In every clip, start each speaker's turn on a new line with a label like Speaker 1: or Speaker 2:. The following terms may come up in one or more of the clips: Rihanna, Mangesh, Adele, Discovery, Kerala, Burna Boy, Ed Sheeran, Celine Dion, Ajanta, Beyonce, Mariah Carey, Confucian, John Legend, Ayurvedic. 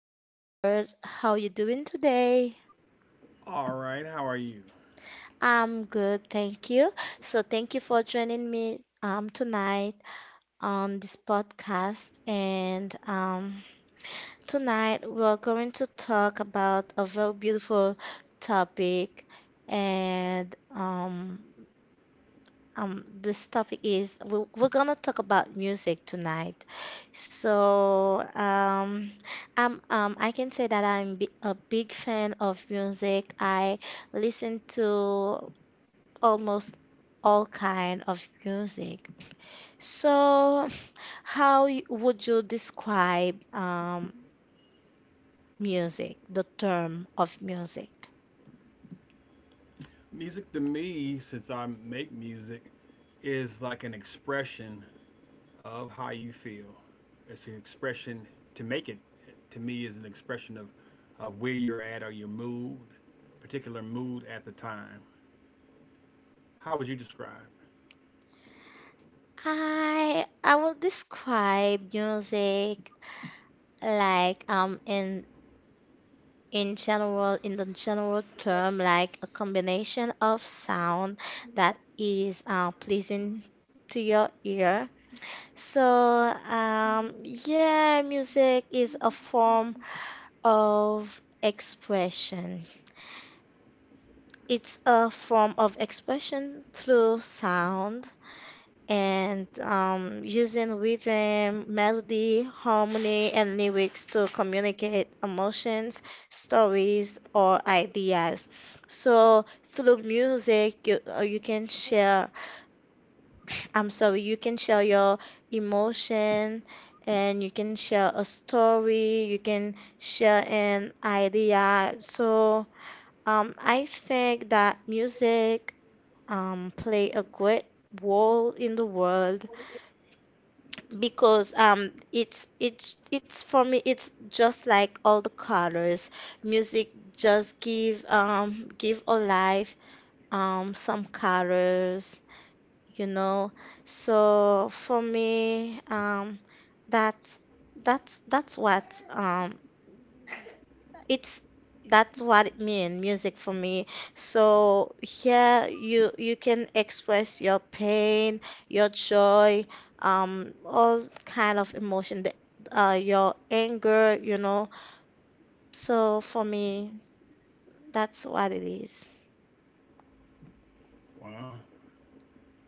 Speaker 1: I'm Robert. How you doing today?
Speaker 2: All right, how are you?
Speaker 1: I'm good, thank you. So thank you for joining me tonight on this podcast. And tonight we're going to talk about a very beautiful topic and this topic is we're gonna talk about music tonight. So, I'm I can say that I'm a big fan of music. I listen to almost all kind of music. So, would you describe music, the term of music?
Speaker 2: Music to me, since I make music, is like an expression of how you feel. It's an expression to make it, to me, is an expression of where you're at or your mood, particular mood at the time. How would you describe?
Speaker 1: I will describe music like in general in the general term like a combination of sound that is pleasing to your ear, so yeah, music is a form of expression. It's a form of expression through sound, and using rhythm, melody, harmony, and lyrics to communicate emotions, stories, or ideas. So through music, you you can share. I'm sorry, you can share your emotion, and you can share a story. You can share an idea. So I think that music play a great role in the world because it's for me, it's just like all the colors. Music just give a life some colors, you know. So for me, that's that's that's what um it's that's what it mean music for me. So yeah, you can express your pain, your joy, all kind of emotion that your anger, you know. So for me, that's what it is.
Speaker 2: Well,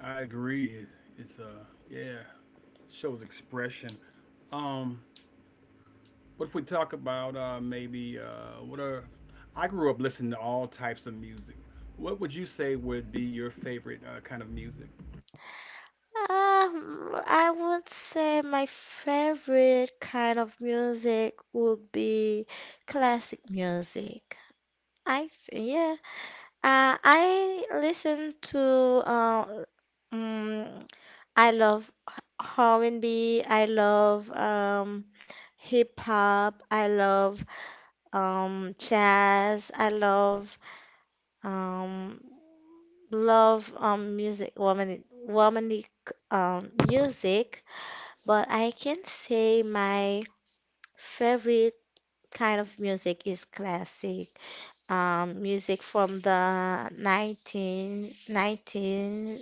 Speaker 2: I agree. It's yeah, shows expression. Um, What if we talk about maybe what are? I grew up listening to all types of music. What would you say would be your favorite kind of music?
Speaker 1: I would say my favorite kind of music would be classic music. I th Yeah, I listen to mm I love R&B. I love hip hop. I love jazz. I love um, music, woman, womanly music. But I can say my favorite kind of music is classic music from the nineteen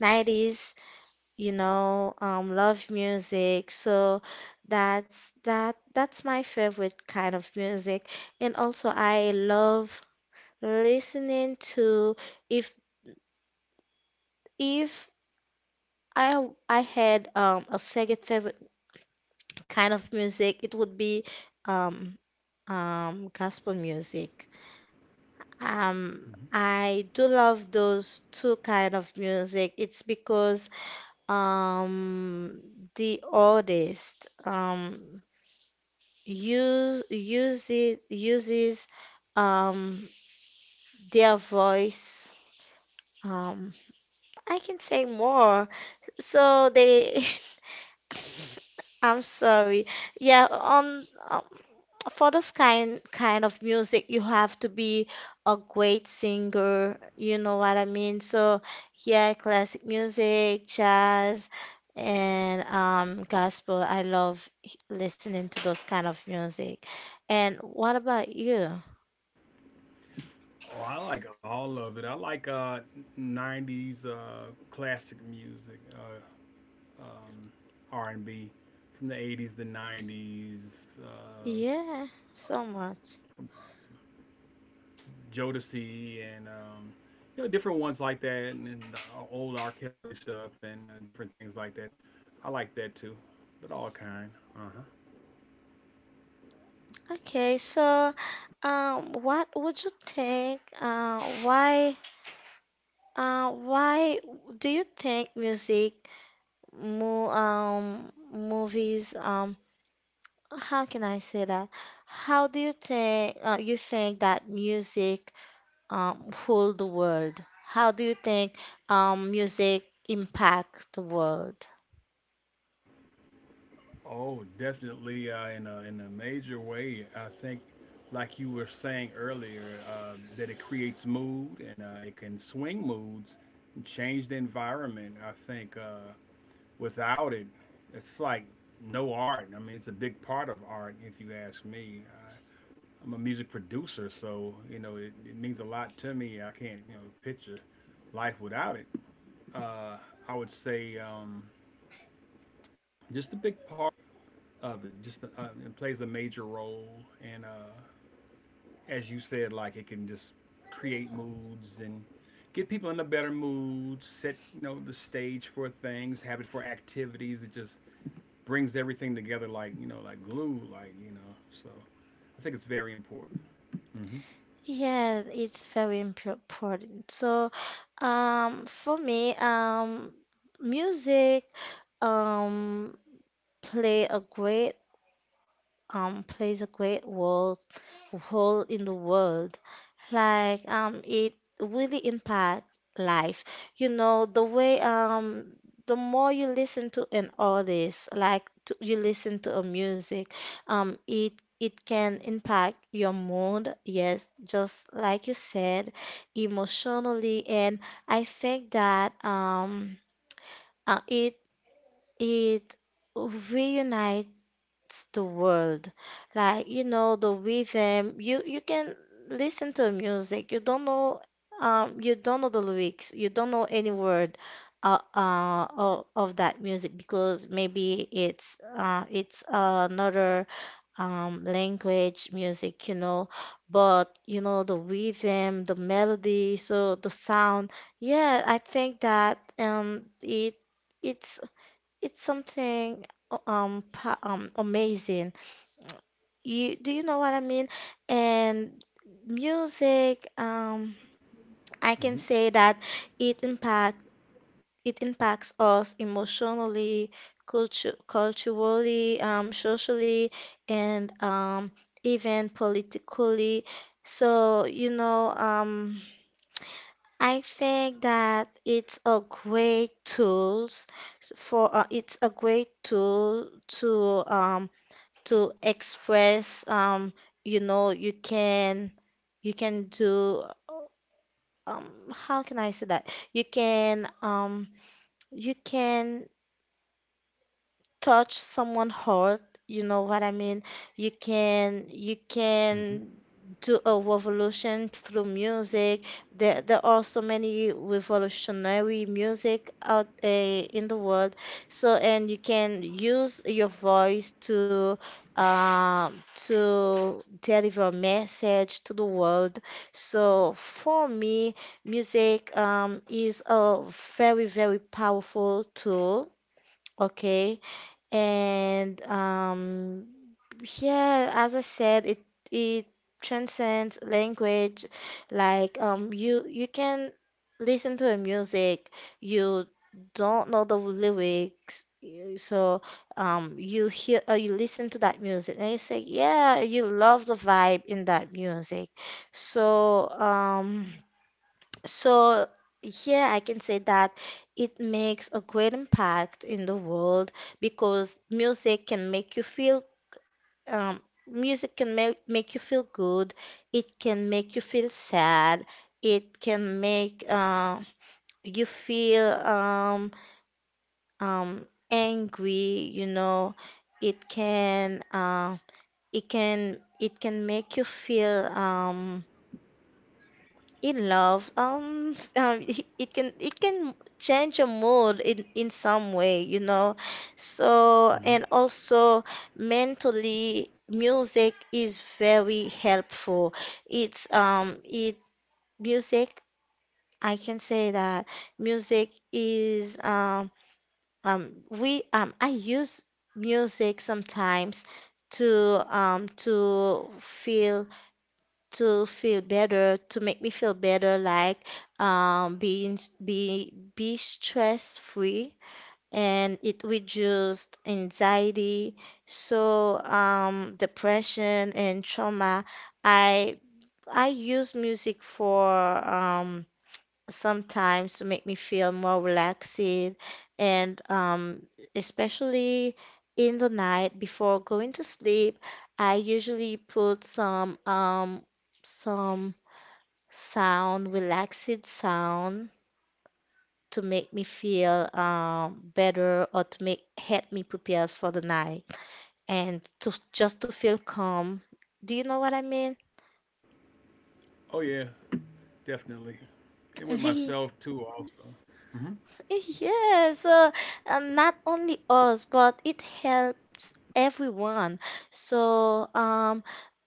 Speaker 1: nineties, you know, love music. So that's my favorite kind of music. And also I love listening to if if I had a second favorite kind of music, it would be um, gospel music. I do love those two kind of music. It's because um the artist uses um their voice. Um, I can say more. So they, I'm sorry. Yeah, on for this kind of music you have to be a great singer, you know what I mean. So yeah, classic music, jazz, and gospel. I love listening to those kind of music. And what about you?
Speaker 2: Oh, I like all of it. I like '90s classic music, R&B from the '80s, the '90s,
Speaker 1: Yeah, so much.
Speaker 2: Jodeci, and you know, different ones like that, and the old R. Kelly stuff, and different things like that. I like that too, but all kind. Uh huh.
Speaker 1: Okay, so what would you think, why do you think music mo movies. How can I say that? How do you think that music hold the world? How do you think music impact the world?
Speaker 2: Oh, definitely. In a major way, I think, like you were saying earlier, that it creates mood and it can swing moods and change the environment. I think without it, it's like no art. I mean, it's a big part of art, if you ask me. I'm a music producer, so you know it means a lot to me. I can't, you know, picture life without it. Uh, I would say just a big part of it. Just it plays a major role, and as you said, like it can just create moods and get people in a better mood, set, you know, the stage for things, have it for activities. It just brings everything together like, you know, like glue, like So I think it's very important. Hmm
Speaker 1: Yeah, it's very important. So, for me, music um play a great plays a great role hole in the world. Like it really impacts life. You know, the way, the more you listen to an artist, like to, you listen to a music, um, it it can impact your mood. Yes, just like you said, emotionally, and I think that uh, it it reunites it's the world. Like, you know, the rhythm, you can listen to music. You don't know the lyrics. You don't know any word of that music because maybe it's another language music, you know, but you know the rhythm, the melody, so the sound. Yeah, I think that it's it's something pa amazing. You do you know what I mean? And music, I can
Speaker 2: hmm
Speaker 1: say that it impact it impacts us emotionally, culturally, socially, and even politically. So, you know, I think that it's a great tools for it's a great tool to um, to express you know, you can do um how can I say that you can touch someone hard, you know what I mean? You can
Speaker 2: hmm
Speaker 1: do a revolution through music. There are so many revolutionary music out in the world. So and you can use your voice um to deliver a message to the world. So for me, music is a very, very powerful tool. Okay, and yeah, as I said, it transcends language. Like you can listen to a music, you don't know the lyrics, so you hear or you listen to that music, and you say, yeah, you love the vibe in that music. So um. So, yeah, I can say that it makes a great impact in the world because music can make you feel, um, music can make, make you feel good. It can make you feel sad. It can make you feel angry, you know. It can it can make you feel in love, it can change your mood in some way, you know. So and
Speaker 2: hmm
Speaker 1: also mentally, music is very helpful. It's it Music, I can say that music is we I use music sometimes to um to feel to feel better, to make me feel better, like being be stress free, and it reduced anxiety, so depression and trauma. I I use music for um, sometimes to make me feel more relaxed, and especially in the night before going to sleep, I usually put some sound, relaxed sound to make me feel better or to make help me prepare for the night and to just to feel calm. Do you know what I mean?
Speaker 2: Oh yeah, definitely. And with myself too, also.
Speaker 1: Yes, and not only us, but it helps everyone. So,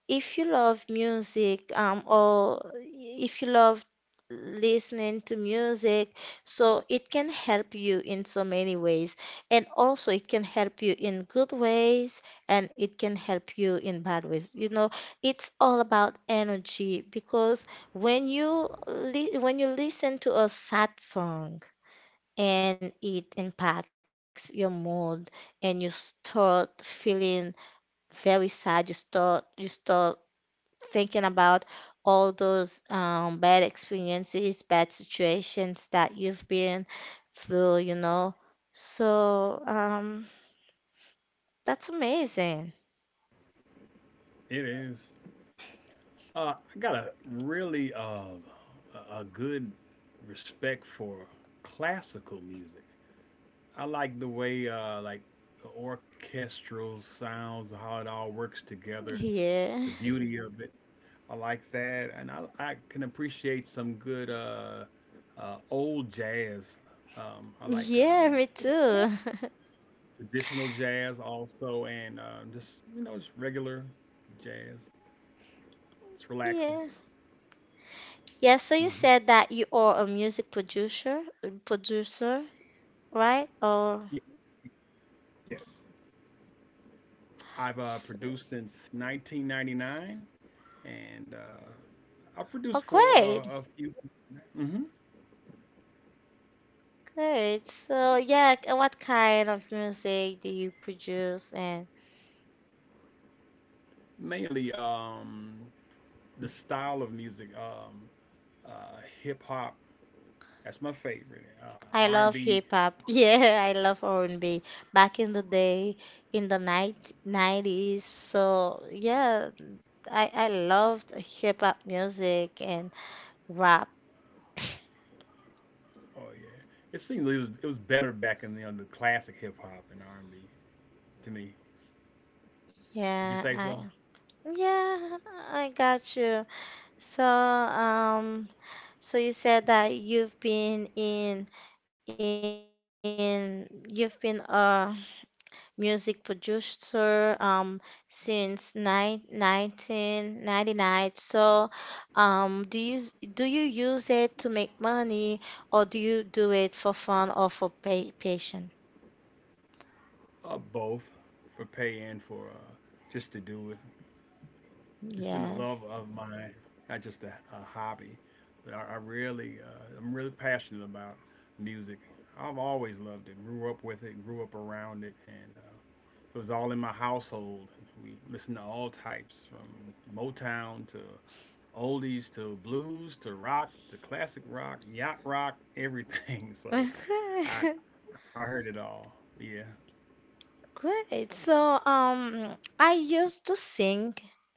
Speaker 1: if you love music, or if you love listening to music, so it can help you in so many ways, and also it can help you in good ways and it can help you in bad ways, you know. It's all about energy because when you when you listen to a sad song and it impacts your mood and you start feeling very sad, you start thinking about all those bad experiences, bad situations that you've been through, you know. So, that's amazing.
Speaker 2: It is. I got a really a good respect for classical music. I like the way like the orchestral sounds, how it all works together, is the
Speaker 1: Yeah.
Speaker 2: beauty of it. I like that, and I can appreciate some good old jazz. I like
Speaker 1: Yeah, me too.
Speaker 2: traditional jazz also, and just, you know, just regular jazz. It's relaxing.
Speaker 1: Yeah. Yeah, so you
Speaker 2: Mhm.
Speaker 1: said that you are a music producer, right? Or
Speaker 2: Yeah. Yes. I've
Speaker 1: s-
Speaker 2: produced since 1999, and I've
Speaker 1: oh,
Speaker 2: produced for
Speaker 1: great.
Speaker 2: a few, hmm
Speaker 1: Great. So, yeah, k- what kind of music do you produce? And
Speaker 2: mainly the style of music, hip hop. That's my favorite.
Speaker 1: I
Speaker 2: R and
Speaker 1: love
Speaker 2: B.
Speaker 1: hip hop. Yeah, I love R&B. Back in the day, in the night 90s. So, yeah, I loved hip hop music and rap.
Speaker 2: Oh yeah, it seems it was better back in the classic hip hop and R and B to me. Would you
Speaker 1: Yeah,
Speaker 2: say so?
Speaker 1: yeah, I got you. So, so you said that you've been in you've been music producer since 1999. So, do you do you use it to make money or do you do it for fun or for pay, passion?
Speaker 2: Both for pay and for just to do it. It's been a
Speaker 1: Yes.
Speaker 2: love of mine, not just a hobby, but I really, I'm really passionate about music. I've always loved it. Grew up with it. Grew up around it, and it was all in my household. We listened to all types, from Motown to oldies to blues to rock to classic rock, yacht rock, everything. So, I
Speaker 1: Okay.
Speaker 2: I heard it all. Yeah.
Speaker 1: Great. So, I used to sing,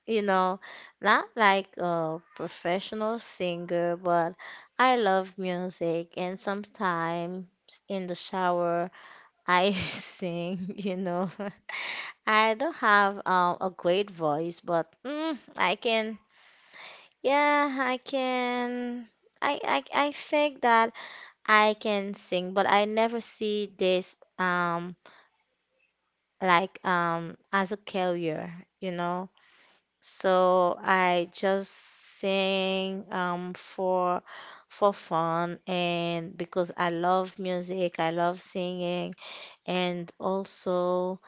Speaker 1: you know, not like a professional singer, but I love music and sometimes in the shower. I sing, you know. I don't have a great voice, but mm, I can. Yeah, I can. I think that I can sing, but I never see this as a career, you know. So I just sing for fun, and because I love music, I love singing. And also,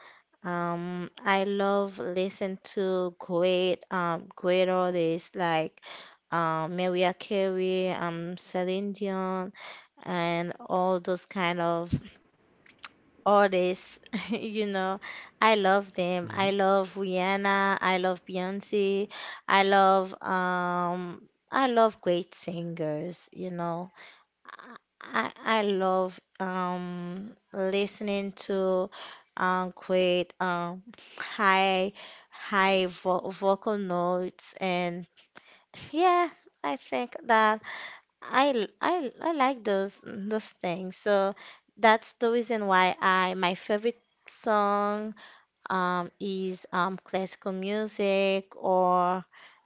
Speaker 1: I love listen to great great artists like Mariah Carey, Celine Dion, and all those kind of artists. You know, I love them.
Speaker 2: hmm
Speaker 1: I love Rihanna. I love Beyonce. I love great singers. You know. I love listening to great high high vo vocal notes. And yeah, I think that I like those things. So that's the reason why I my favorite song is classical music or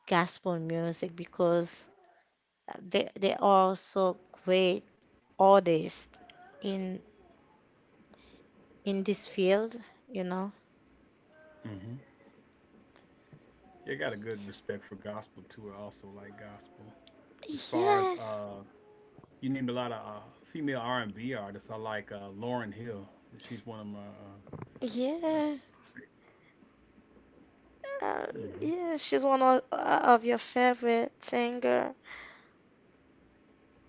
Speaker 1: gospel music because they are so great oldest in in this field, you know.
Speaker 2: hmm I got a good respect for gospel too. I also like gospel. As far as
Speaker 1: Yeah,
Speaker 2: you named a lot of female R and B artists. I like Lauren Hill. She's one of my. Uh,
Speaker 1: yeah, uh,
Speaker 2: mhm.
Speaker 1: yeah. She's one of your favorite singer.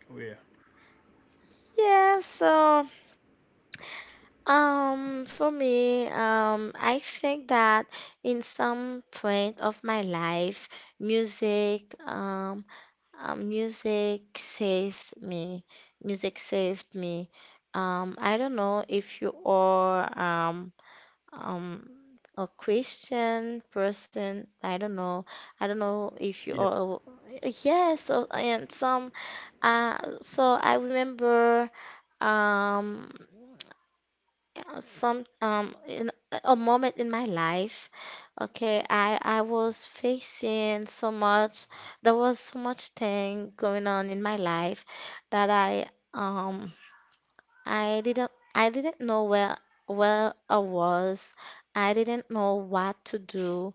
Speaker 2: Oh yeah.
Speaker 1: Yeah. So, for me, I think that in some point of my life, music, music saved me. Music saved me. I don't know if you all um a Christian person. I don't know. I don't know if you
Speaker 2: Yes.
Speaker 1: or yes, so and some so I remember um some in a moment in my life. Okay, I was facing so much. There was so much thing going on in my life that um I didn't know where I was. I didn't know what to do.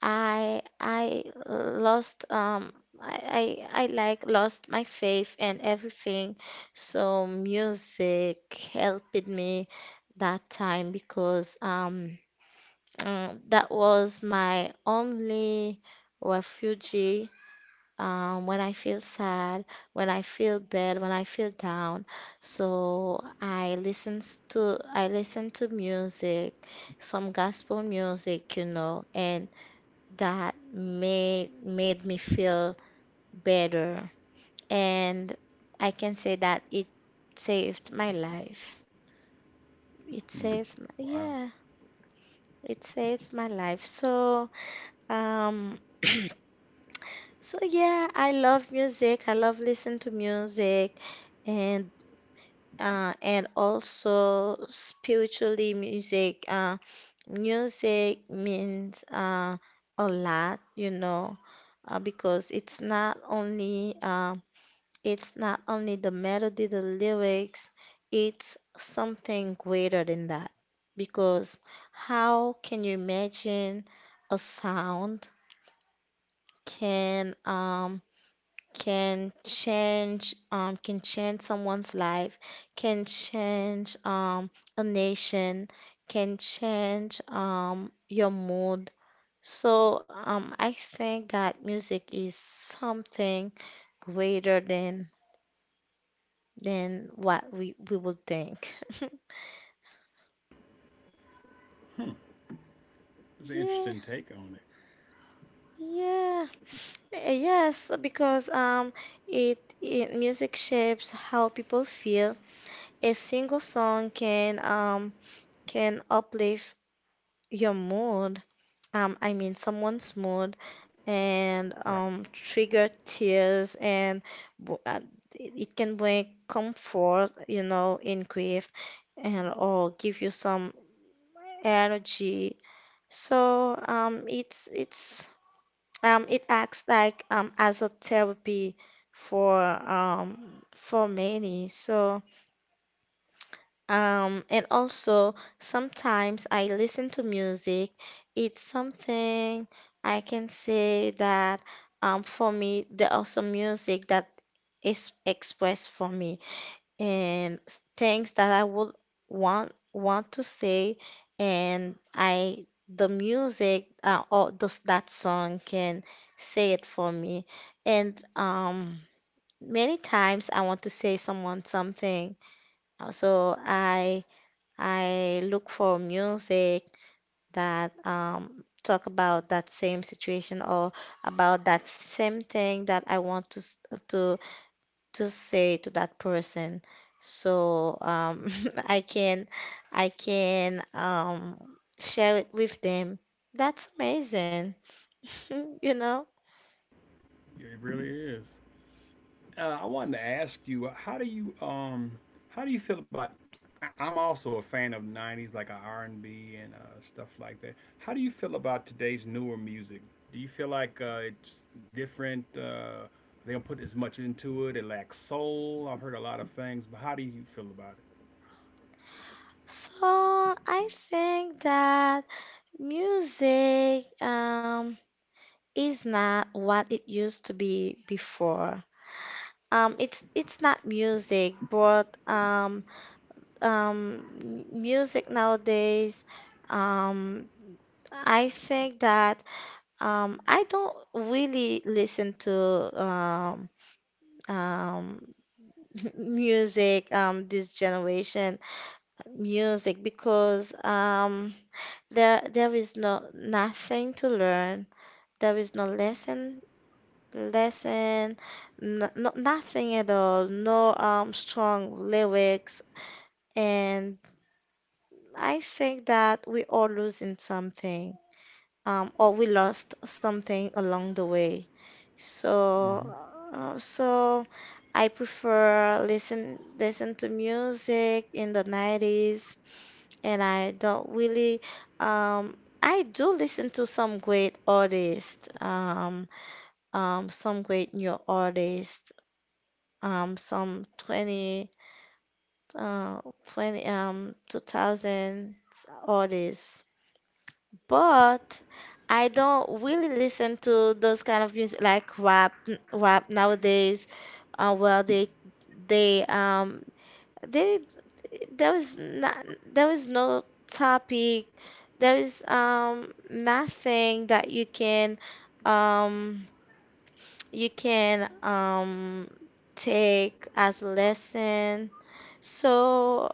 Speaker 1: I lost I like lost my faith and everything. So music helped me that time because that was my only refuge when I feel sad, when I feel bad, when I feel down. So I listen to music, some gospel music, you know, and that made me feel better. And I can say that it saved my life. It
Speaker 2: Mm.
Speaker 1: saved my,
Speaker 2: Wow.
Speaker 1: yeah, it saved my life. So, um, so yeah, I love music. I love listen to music. And and also spiritually music. Music means a lot, you know, because it's not only the melody, the lyrics, it's something greater than that. Because how can you imagine a sound can can change someone's life, can change a nation, can change your mood. So I think that music is something greater than what we would think.
Speaker 2: It's an
Speaker 1: Yeah,
Speaker 2: interesting take on it.
Speaker 1: yeah, yes, because it, it music shapes how people feel. A single song can uplift your mood, I mean someone's mood, and
Speaker 2: Right.
Speaker 1: trigger tears, and w- uh, it can bring comfort, you know, in grief, and or give you some energy. So it acts as a therapy for um, for many. So. And also sometimes I listen to music. It's something I can say that, for me, there are some music that is expressed for me and things that I would want to say, and I the music or this that song can say it for me. And many times I want to say someone something, uh, so I. I look for music that, talk about that same situation or about that same thing that I want to say to that person. So I can I can, share it with them. That's amazing, you know.
Speaker 2: Yeah, it really is. I wanted to ask you, how do you how do you feel about? I'm also a fan of '90s, like R and B and stuff like that. How do you feel about today's newer music? Do you feel like it's different? They don't put as much into it. It lacks soul. I've heard a lot of things, but how do you feel about it?
Speaker 1: So I think that music, is not what it used to be before. It's not music, but m- music nowadays. Um, I think that I don't really listen to, um, music this generation music because, there is nothing to learn. There is no lesson, no, nothing at all. No strong lyrics. And I think that we all losing something, or we lost something along the way. So,
Speaker 2: Hmm
Speaker 1: so I prefer listen to music in the 90s, and I don't really I do listen to some great artists, some great new artists, some 20, uh, 20, 2000 artists. But I don't really listen to those kind of music like rap, rap nowadays. Well, they, um, they, there was not, there was no topic, there is nothing that um, you can take as a lesson. So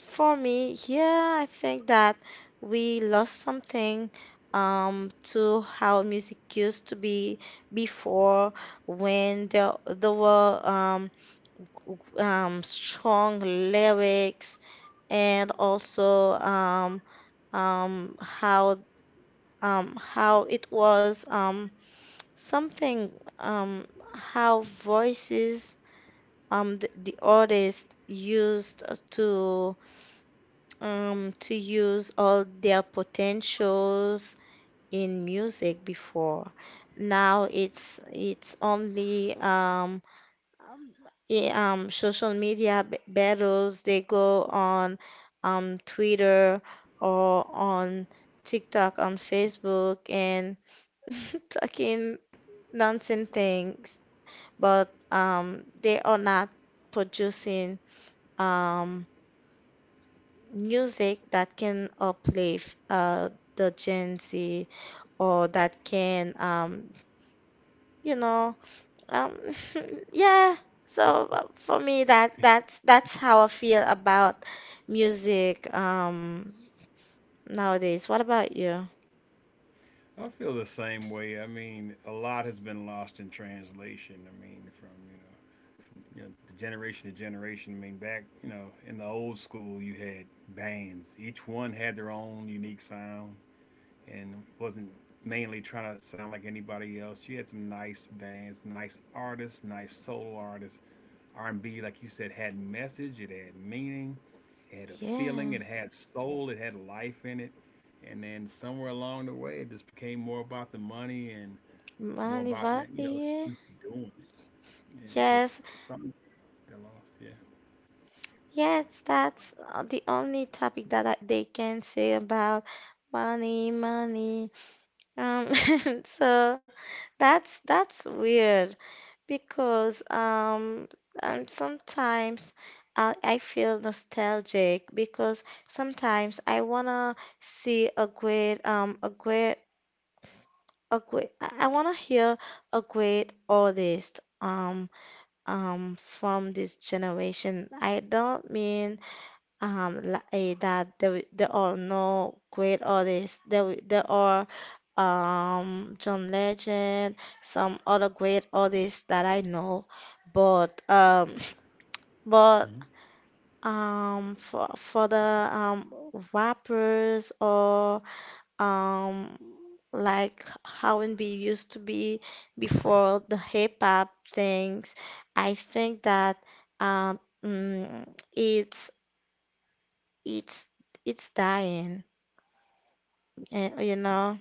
Speaker 1: for me, yeah, I think that we lost something to how music used to be before when there were strong lyrics and also um how how it was something um how voices the artist used to, to use all their potentials in music before. Now it's only, social media battles. They go on, Twitter or on TikTok, on Facebook, and talking nonsense things. But they are not producing, um, music that can uplift the Gen Z or that can you know um yeah so for me that's how I feel about music nowadays. What about you?
Speaker 2: I feel the same way. I mean, a lot has been lost in translation. I mean, from, you know, from, you know, the generation to generation. I mean, back, you know, in the old school, you had bands. Each one had their own unique sound, and wasn't mainly trying to sound like anybody else. You had some nice bands, nice artists, nice solo artists, R&B, like you said, had message, it had meaning, it had a
Speaker 1: Yeah
Speaker 2: feeling, it had soul, it had life in it. And then somewhere along the way, it just became more about the money and more
Speaker 1: Mandy
Speaker 2: about, like, you know,
Speaker 1: Yeah
Speaker 2: just doing it. And it just
Speaker 1: yes
Speaker 2: something got lost. Yeah.
Speaker 1: yes that's the only topic that they can say about money money um so that's weird because and sometimes I feel nostalgic because sometimes I wanna see a great a great a great I wanna hear a great artist from this generation. I don't mean that there are no great artists. There are John Legend, some other great artists that I know, but but
Speaker 2: hmm
Speaker 1: for the rappers or um like how and be used to be before the hip hop things, I think that um. mm, it's it's it's dying, eh, you know.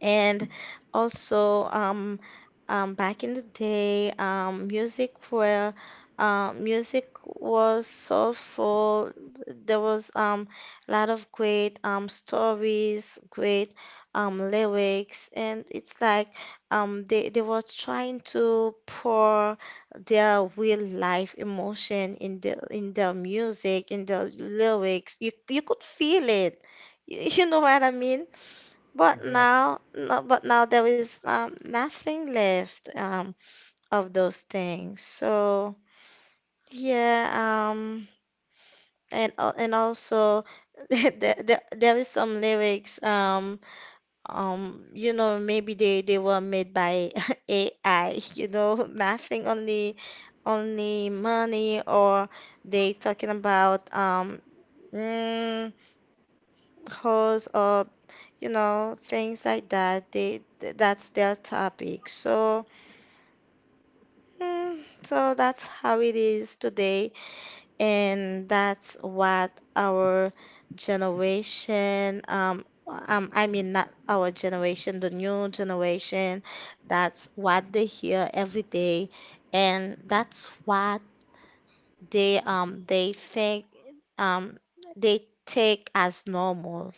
Speaker 1: And also, back in the day, music was soulful. There was a lot of great stories, great lyrics, and it's like they were trying to pour their real life emotion in their music, in the lyrics. You could feel it. You, you know what I mean? But
Speaker 2: Exactly.
Speaker 1: now, no, but now there is nothing left of those things. So yeah, and also there, there there is some lyrics. You know, maybe they were made by AI. You know, nothing only only money or they talking about mm, hosts or you know things like that that's their topic so mm, so that's how it is today and that's what our generation I mean, not our generation, the new generation. That's what they hear every day, and that's what they think um they take as normal.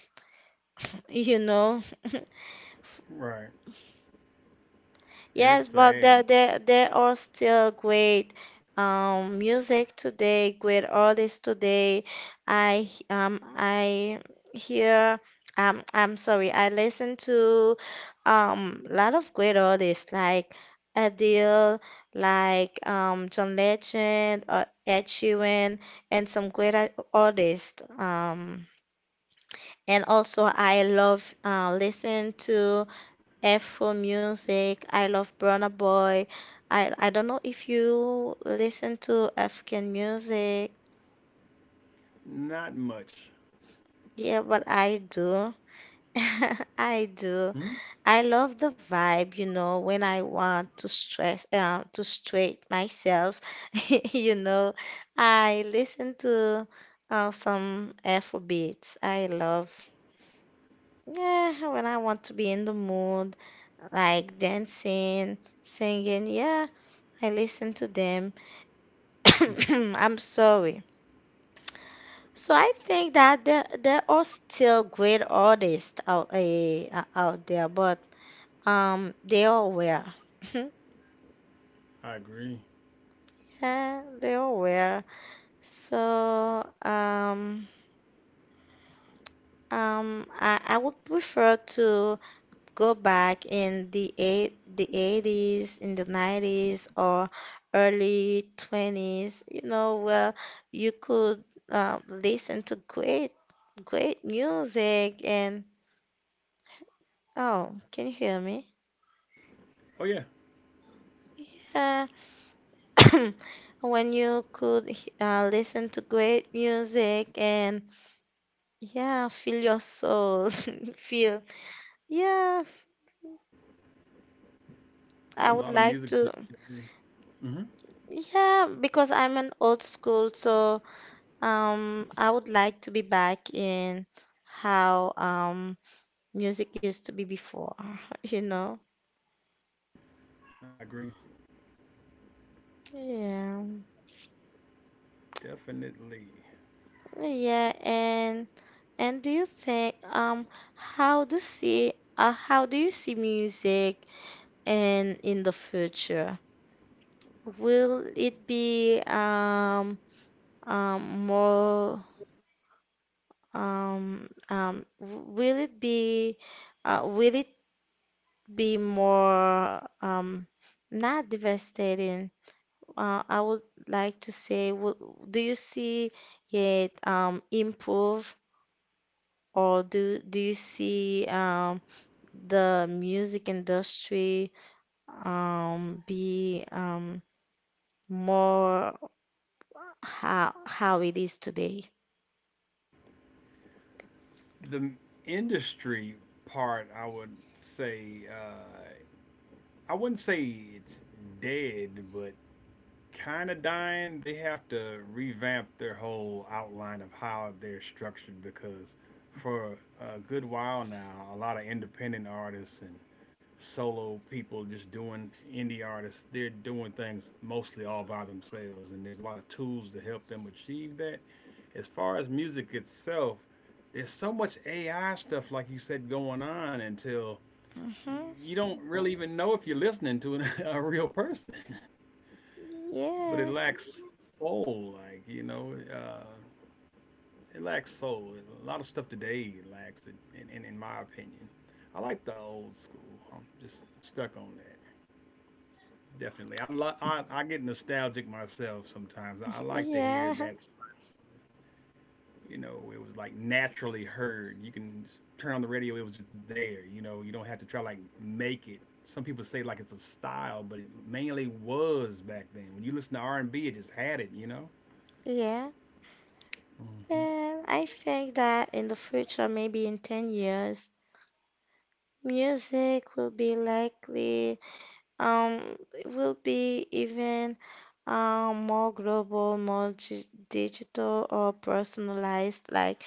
Speaker 1: You know,
Speaker 2: Right. And it's
Speaker 1: yes, but
Speaker 2: sad.
Speaker 1: there are still great music today, great artists today. I hear I'm sorry, I listen to a lot of great artists like Adele, like John Legend, or Ed Sheeran, and some great artists. And also I love listen to. F for music. I love Burna Boy. I don't know if you listen to African music.
Speaker 2: Not much.
Speaker 1: Yeah, but I do. I do.
Speaker 2: Hmm
Speaker 1: I love the vibe, you know, when I want to stress, to straight myself, you know, I listen to some Afro beats. I love, yeah, when I want to be in the mood, like dancing, singing, yeah, I listen to them. I'm sorry. So I think that there are still great artists out out there, but they all were.
Speaker 2: I agree.
Speaker 1: Yeah, they all were. So I would prefer to go back in the 80s, in the 90s or early 20s, you know, where you could listen to great great music and, oh, can you hear me?
Speaker 2: Oh yeah,
Speaker 1: Yeah. When you could listen to great music and yeah, feel your soul. Feel, yeah, I
Speaker 2: yeah. A
Speaker 1: would
Speaker 2: lot of
Speaker 1: like
Speaker 2: music
Speaker 1: to,
Speaker 2: t- today. Hmm
Speaker 1: yeah, because I'm an old school, so I would like to be back in how music used to be before, you know?
Speaker 2: I agree.
Speaker 1: Yeah.
Speaker 2: Definitely.
Speaker 1: Yeah, and do you think how do see how do you see music and in the future? Will it be more um um w- will it be will it be more not devastating? I would like to say will, do you see it improve or do you see the music industry be more how it is today.
Speaker 2: The industry part, I would say, I wouldn't say it's dead, but kind of dying. They have to revamp their whole outline of how they're structured because for a good while now, a lot of independent artists and solo people just doing indie artists, they're doing things mostly all by themselves, and there's a lot of tools to help them achieve that. As far as music itself, there's so much AI stuff, like you said, going on until
Speaker 1: Hmm,
Speaker 2: you don't really even know if you're listening to an, a real person. But it
Speaker 1: yeah,
Speaker 2: lacks soul, like, you know, it lacks soul. A lot of stuff today lacks it, in my opinion. I like the old school. I'm just stuck on that. Definitely, I get nostalgic myself sometimes. I like to hear
Speaker 1: yeah,
Speaker 2: that, you know, it was like naturally heard. You can turn on the radio, it was just there. You know, you don't have to try like make it. Some people say like it's a style, but it mainly was back then. When you listen to R and B, it just had it. You know.
Speaker 1: yeah.
Speaker 2: Hmm
Speaker 1: I think that in the future, maybe in 10 years, music will be likely, um, it will be even more global, more digital or personalized, like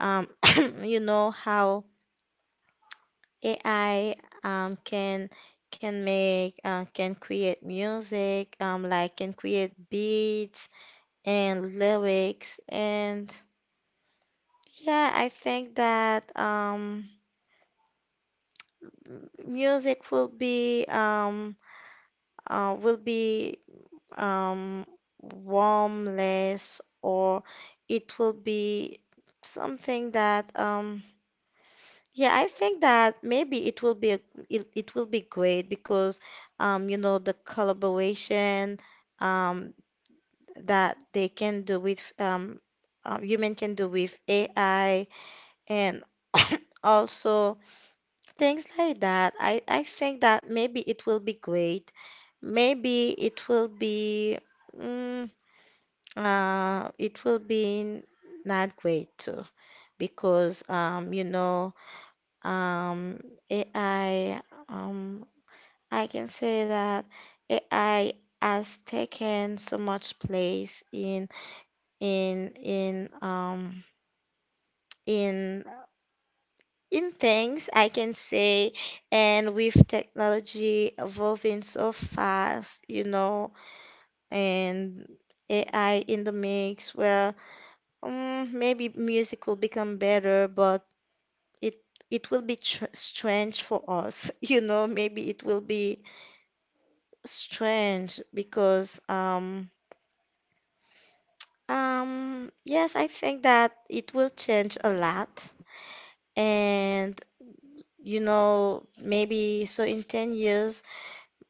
Speaker 1: um, you know how AI um, can can make can create music, like can create beats and lyrics, and yeah, I think that music will be um, warmless or it will be something that yeah, I think that maybe it will be great because you know the collaboration um that they can do with human can do with AI and also things like that. I think that maybe it will be great. Maybe it will be mm, it will be not great too because you know um, AI, um, I can say that AI has taken so much place in in in um in in things I can say, and with technology evolving so fast, you know, and AI in the mix, well, maybe music will become better, but it it will be tr strange for us, you know, maybe it will be strange because yes, I think that it will change a lot and you know maybe so in 10 years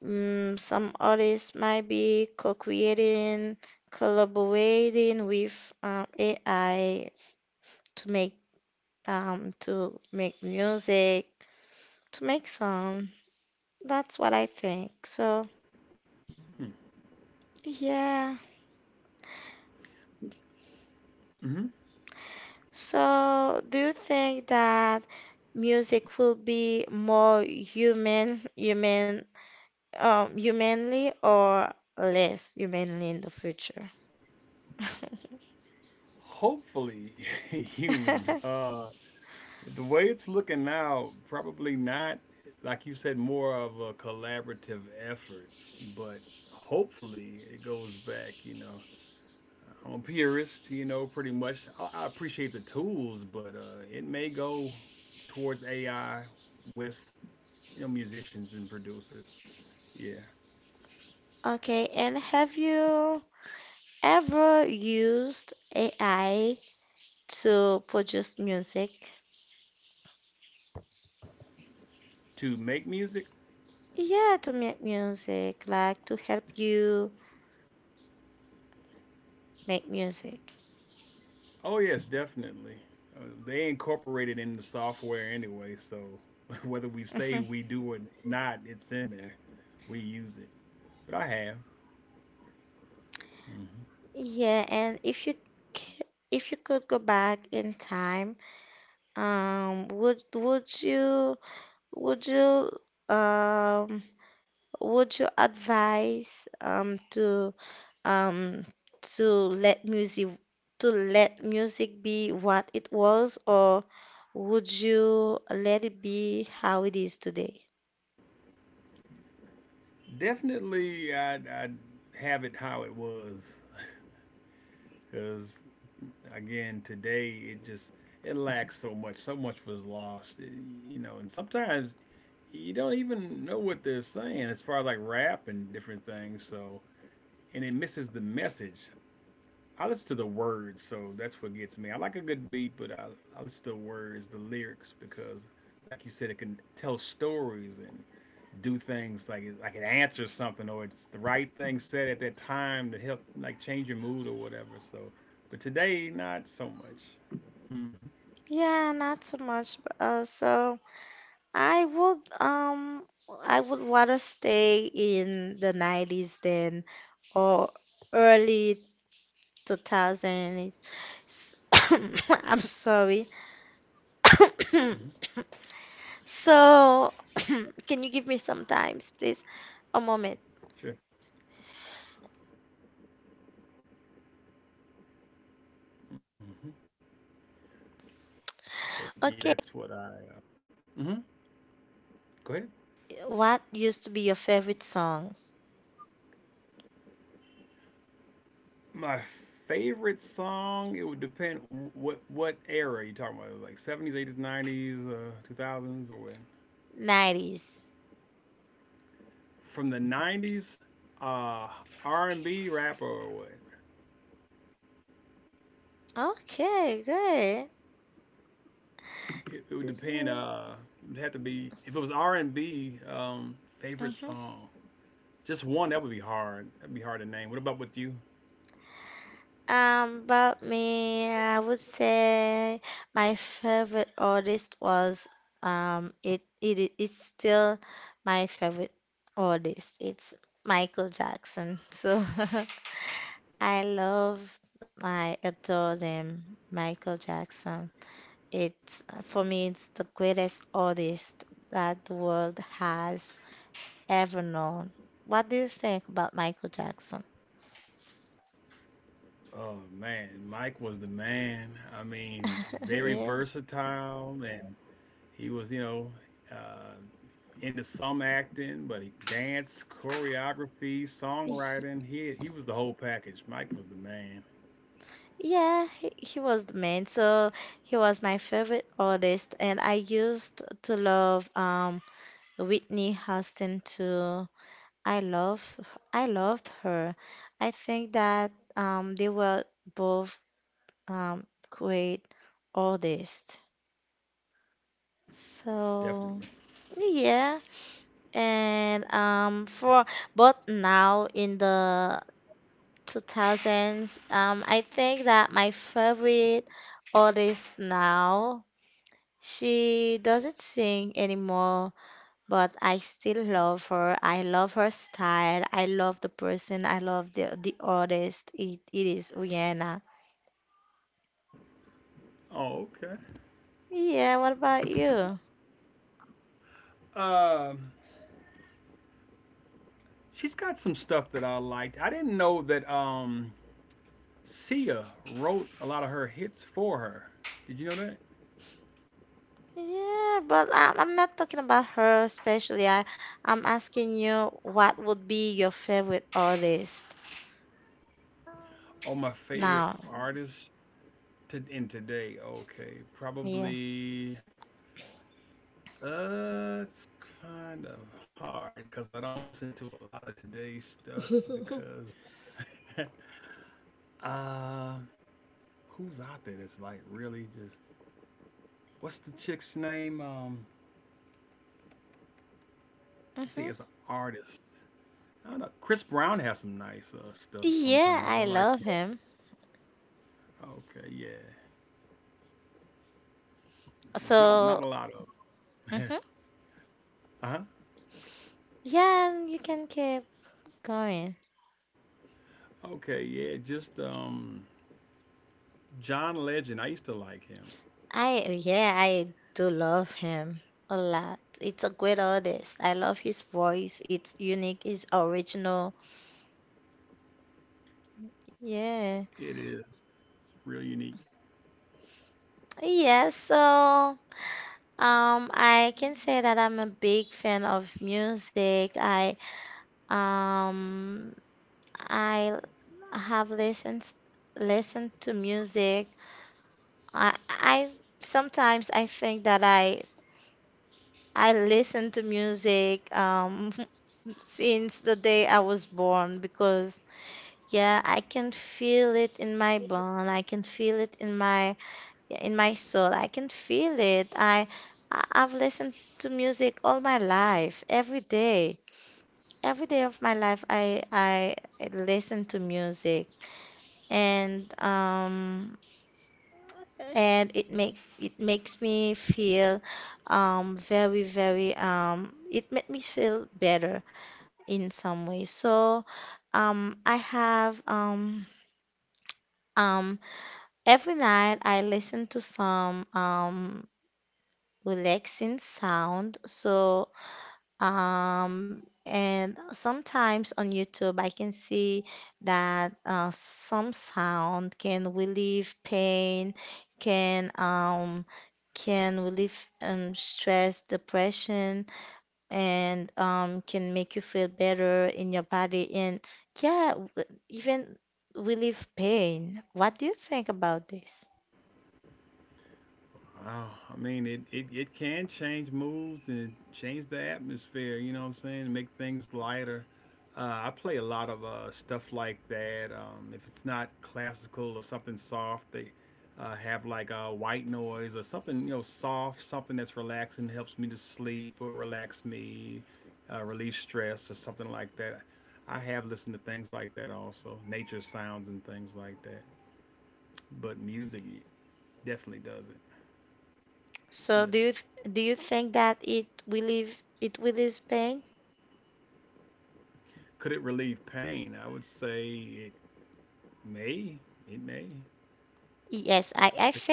Speaker 1: mm, some artists might be co-creating, collaborating with AI to make to make music, to make song. That's what I think. So, yeah.
Speaker 2: hmm
Speaker 1: So, do you think that music will be more human, humanly or less humanly in the future?
Speaker 2: Hopefully, human. The way it's looking now, probably not. Like you said, more of a collaborative effort, but hopefully it goes back. You know, I'm a purist, you know, pretty much. I appreciate the tools, but it may go towards AI with, you know, musicians and producers. Yeah,
Speaker 1: Okay, and have you ever used AI to produce music?
Speaker 2: to make music.
Speaker 1: Yeah, to make music, like to help you make music.
Speaker 2: Oh yes, definitely. They incorporate it in the software anyway, so whether we say
Speaker 1: Mhm.
Speaker 2: we do or not, it's in there. We use it. But I have
Speaker 1: Yeah, and c- if you could go back in time, um, would you would you um would you advise um to let music be what it was, or would you let it be how it is today?
Speaker 2: definitely. I have it how it was, because again today it just it lacks so much, so much was lost. You know, and sometimes you don't even know what they're saying as far as like rap and different things, so and it misses the message. I listen to the words, so that's what gets me. I like a good beat, but I listen to the words, the lyrics, because, like you said, it can tell stories and do things like it answers something or it's the right thing said at that time to help like change your mood or whatever. So, but today not so much. Hmm
Speaker 1: Yeah, not so much. But, uh, so I would um I would want to stay in the 90s then or early 2000 is I'm sorry.
Speaker 2: hmm
Speaker 1: So, can you give me some times, please? A moment.
Speaker 2: Sure. hmm But yeah,
Speaker 1: Okay,
Speaker 2: that's what I. Hmm go ahead. My favorite song, it would depend what era you talking about. Like 70s, 80s, 90s, 2000s, or when? From the 90s, uh, R&B rap, or what? It would depend. It would have to be if it was R&B. Favorite song, just one that would be hard. That'd be hard to name. What about with you? Okay. Oh man, Mike was the man. I mean, very versatile. And he was, you know, uh, into some acting, but he dance, choreography, songwriting. He was the whole package. Mike was the man, definitely. Oh, okay. Um, she's got some stuff that I liked. I didn't know that Sia wrote a lot of her hits for her. Did you know that? Oh, my favorite artist to in today. Okay, probably it's kind of hard because I don't listen to a lot of today's stuff because, uh, who's out there that's like really just what's the chick's name? Let's see, it's an artist. I don't know. Chris Brown has some nice stuff sometimes. I like him. Okay, yeah. There's not a lot of. Uh huh. Okay, yeah. Just John Legend. I used to like him. It is real unique. Wow. I mean, it can change moods and change the atmosphere, you know what I'm saying? Make things lighter. Uh, I play a lot of stuff like that. If it's not classical or something soft, they have like white noise or something, you know, soft, something that's relaxing, helps me to sleep or relax me, relieve stress or something like that. I have listened to things like that also, nature sounds and things like that. But music definitely does it. Yeah. Could it relieve pain? I would say it may. It may. That's,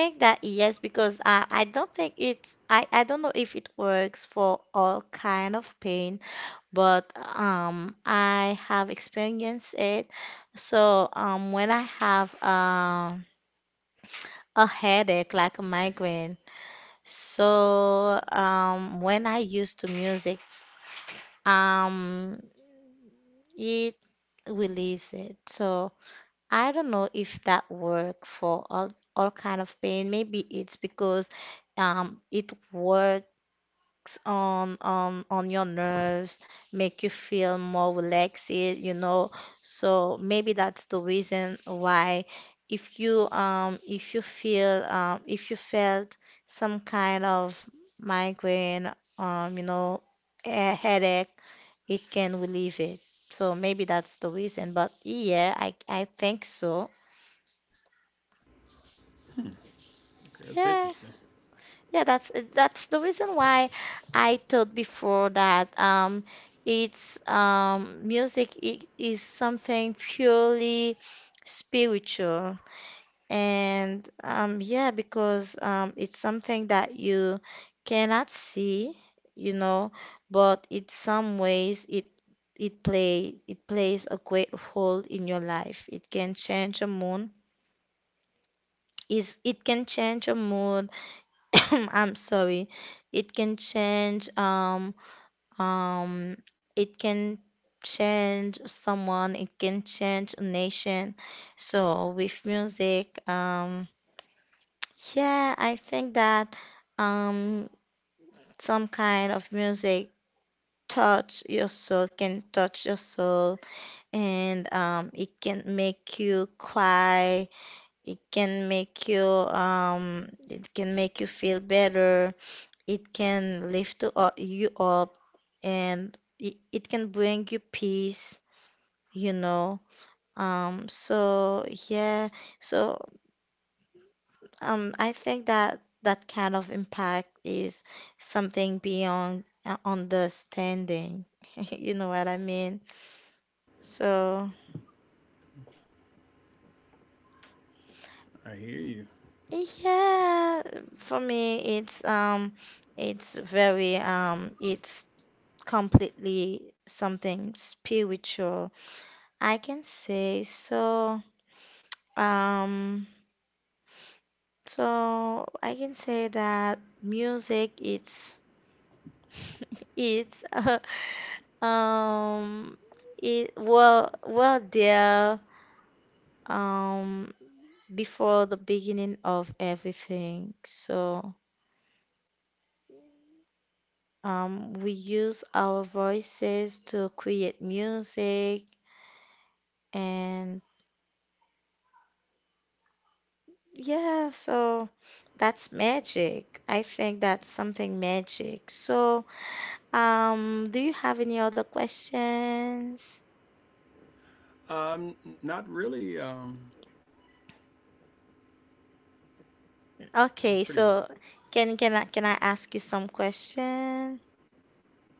Speaker 2: okay, that's interesting. I hear you. Um, not really. That was pretty much it.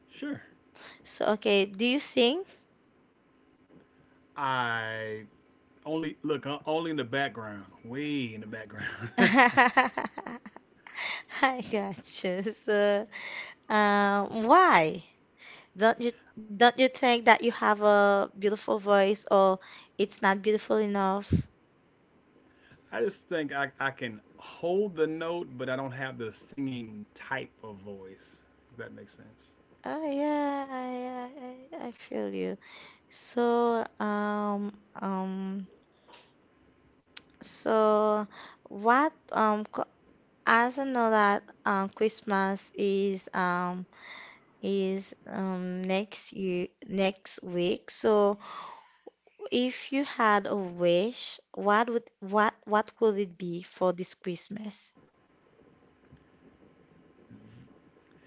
Speaker 2: Sure. I only look only in the background, way in the background. I just think I can hold the note, but I don't have the singing type of voice. If that makes sense.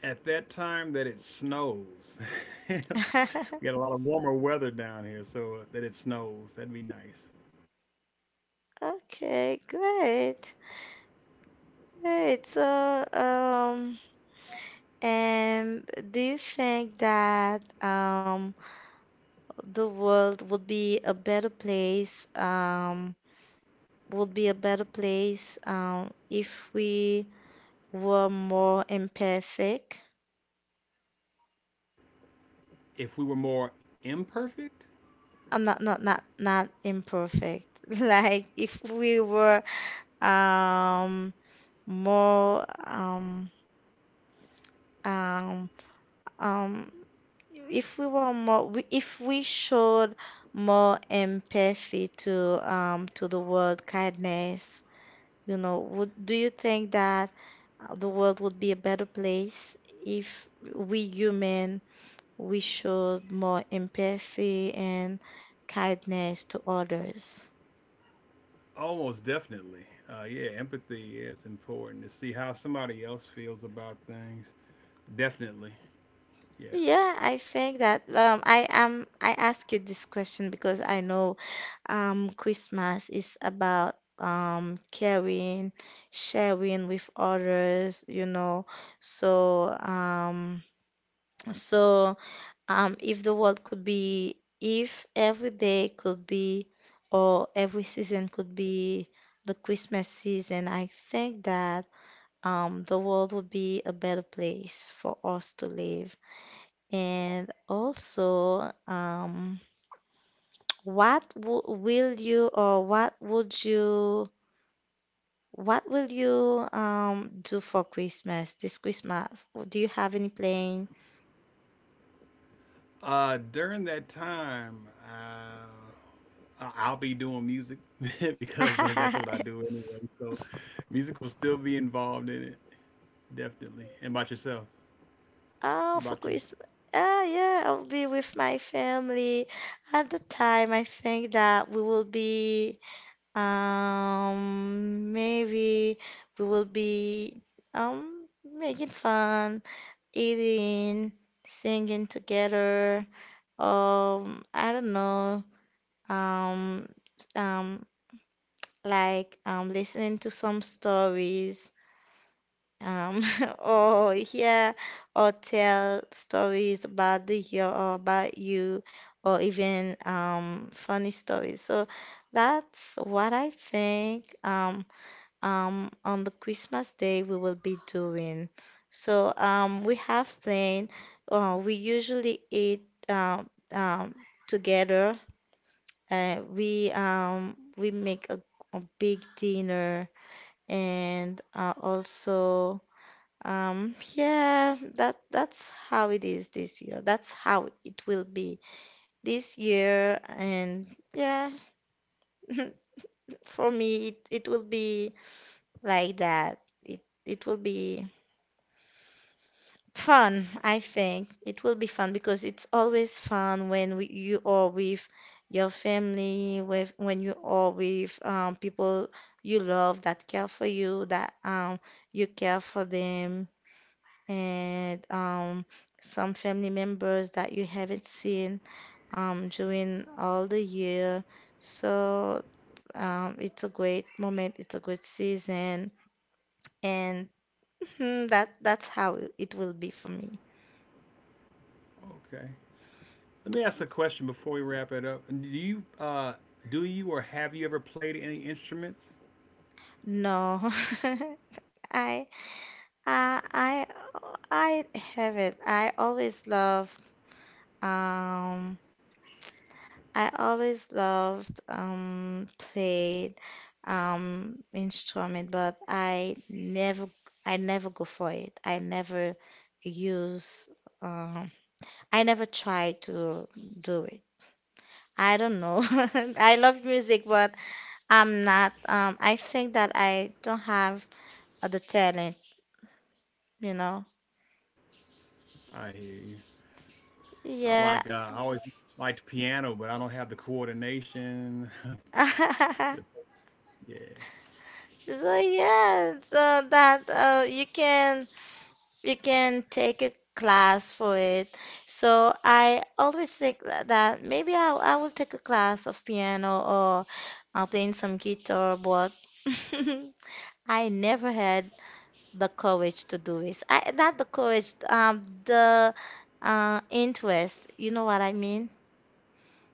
Speaker 2: At that time that it snows. We got a lot of warmer weather down here, so that it snows. That'd be nice. If we were more imperfect, almost definitely. Yeah, empathy is important to see how somebody else feels about things. Definitely, yes. During that time, uh, I'll be doing music because that's what I do anyway. So, music will still be involved in it, definitely. And about yourself? What about you? Okay. Let me ask a question before we wrap it up. Do you or have you ever played any instruments? I hear you. I like, I always liked piano, but I don't have the coordination. Yeah.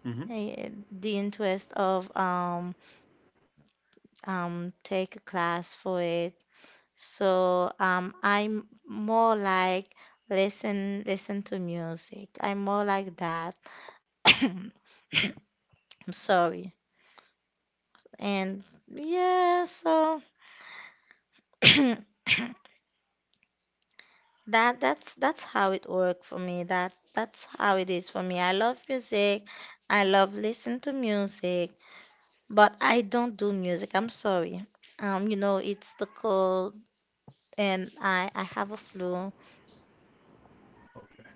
Speaker 2: Mm-hmm. Okay.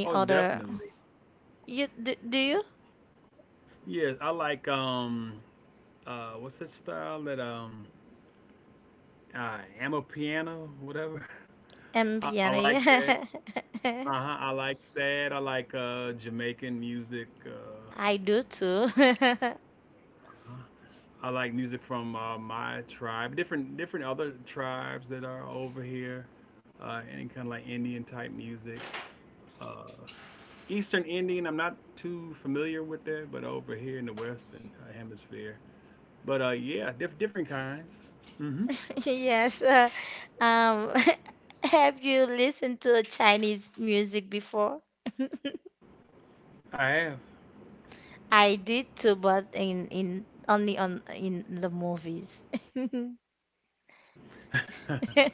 Speaker 2: Oh, definitely. Yes, I like, what's that style that, am piano, whatever. I like that. Uh huh. I like that. I like, Jamaican music. I like music from my tribe, different other tribes that are over here, any kind of like Indian type music. Uh, Eastern Indian, I'm not too familiar with that, but over here in the Western Hemisphere. But yeah, different kinds. Hmm I have.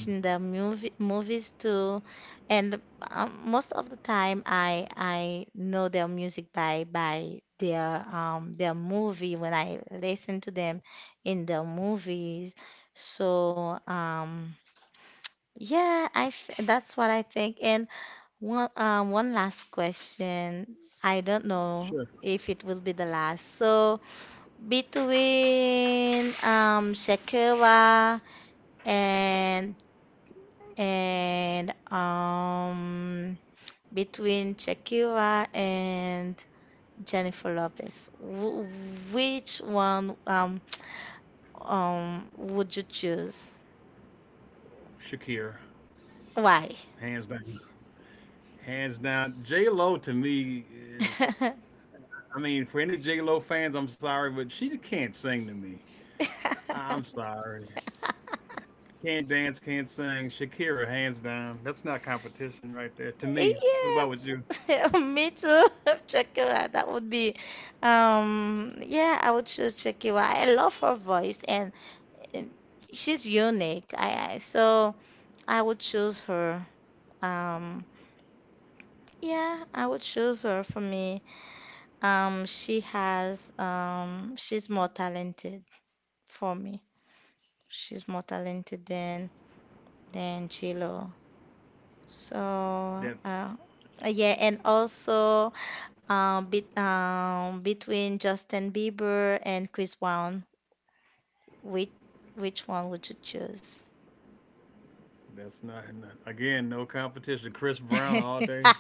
Speaker 2: Mm, sure. Shakir, hands down. Hands down. J Lo to me is, I mean, for any J Lo fans, I'm sorry, but she can't sing to me. I'm sorry. Can't dance, can't sing. Shakira, hands down. That's not competition right there to me. What about with you? That that's not, not again no competition. Chris Brown all day,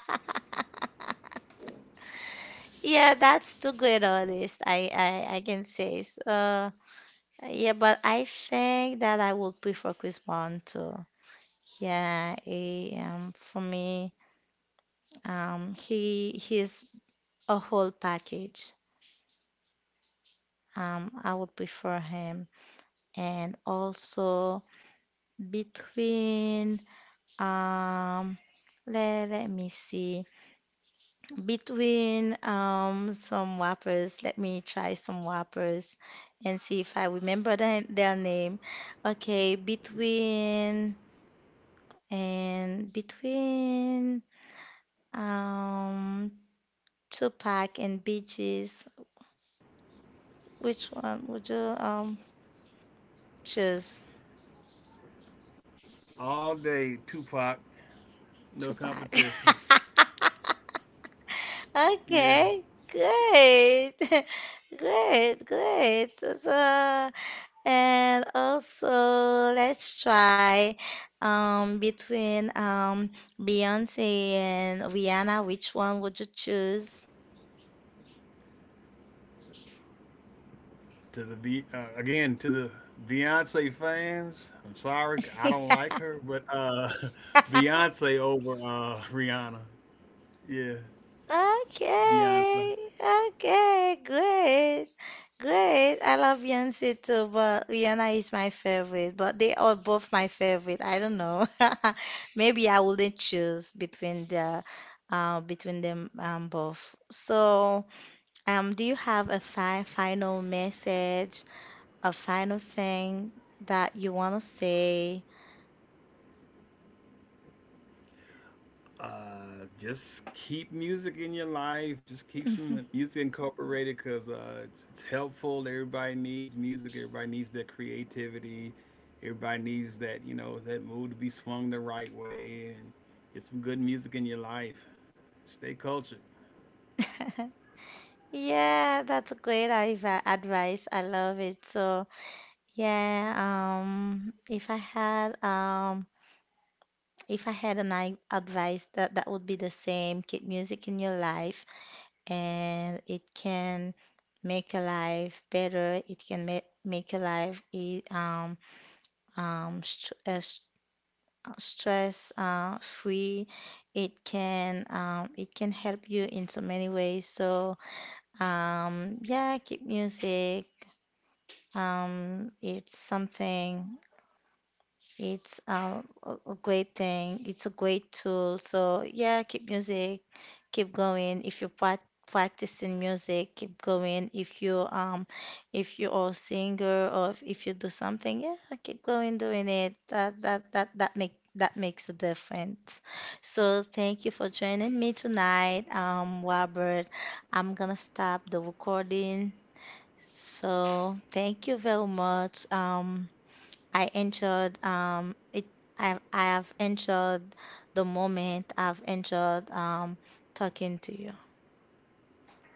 Speaker 2: all day. Tupac, no competition. Yeah. To the again to the Beyonce fans. I'm sorry, I don't like her, but Beyonce over Rihanna. Yeah, Beyonce. Uh, just keep music in your life. Just keep some music incorporated because it's helpful. Everybody needs music. Everybody needs their creativity. Everybody needs that, you know, that mood to be swung the right way and get some good music in your life. Stay cultured.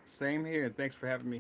Speaker 2: Same here. Thanks for having me.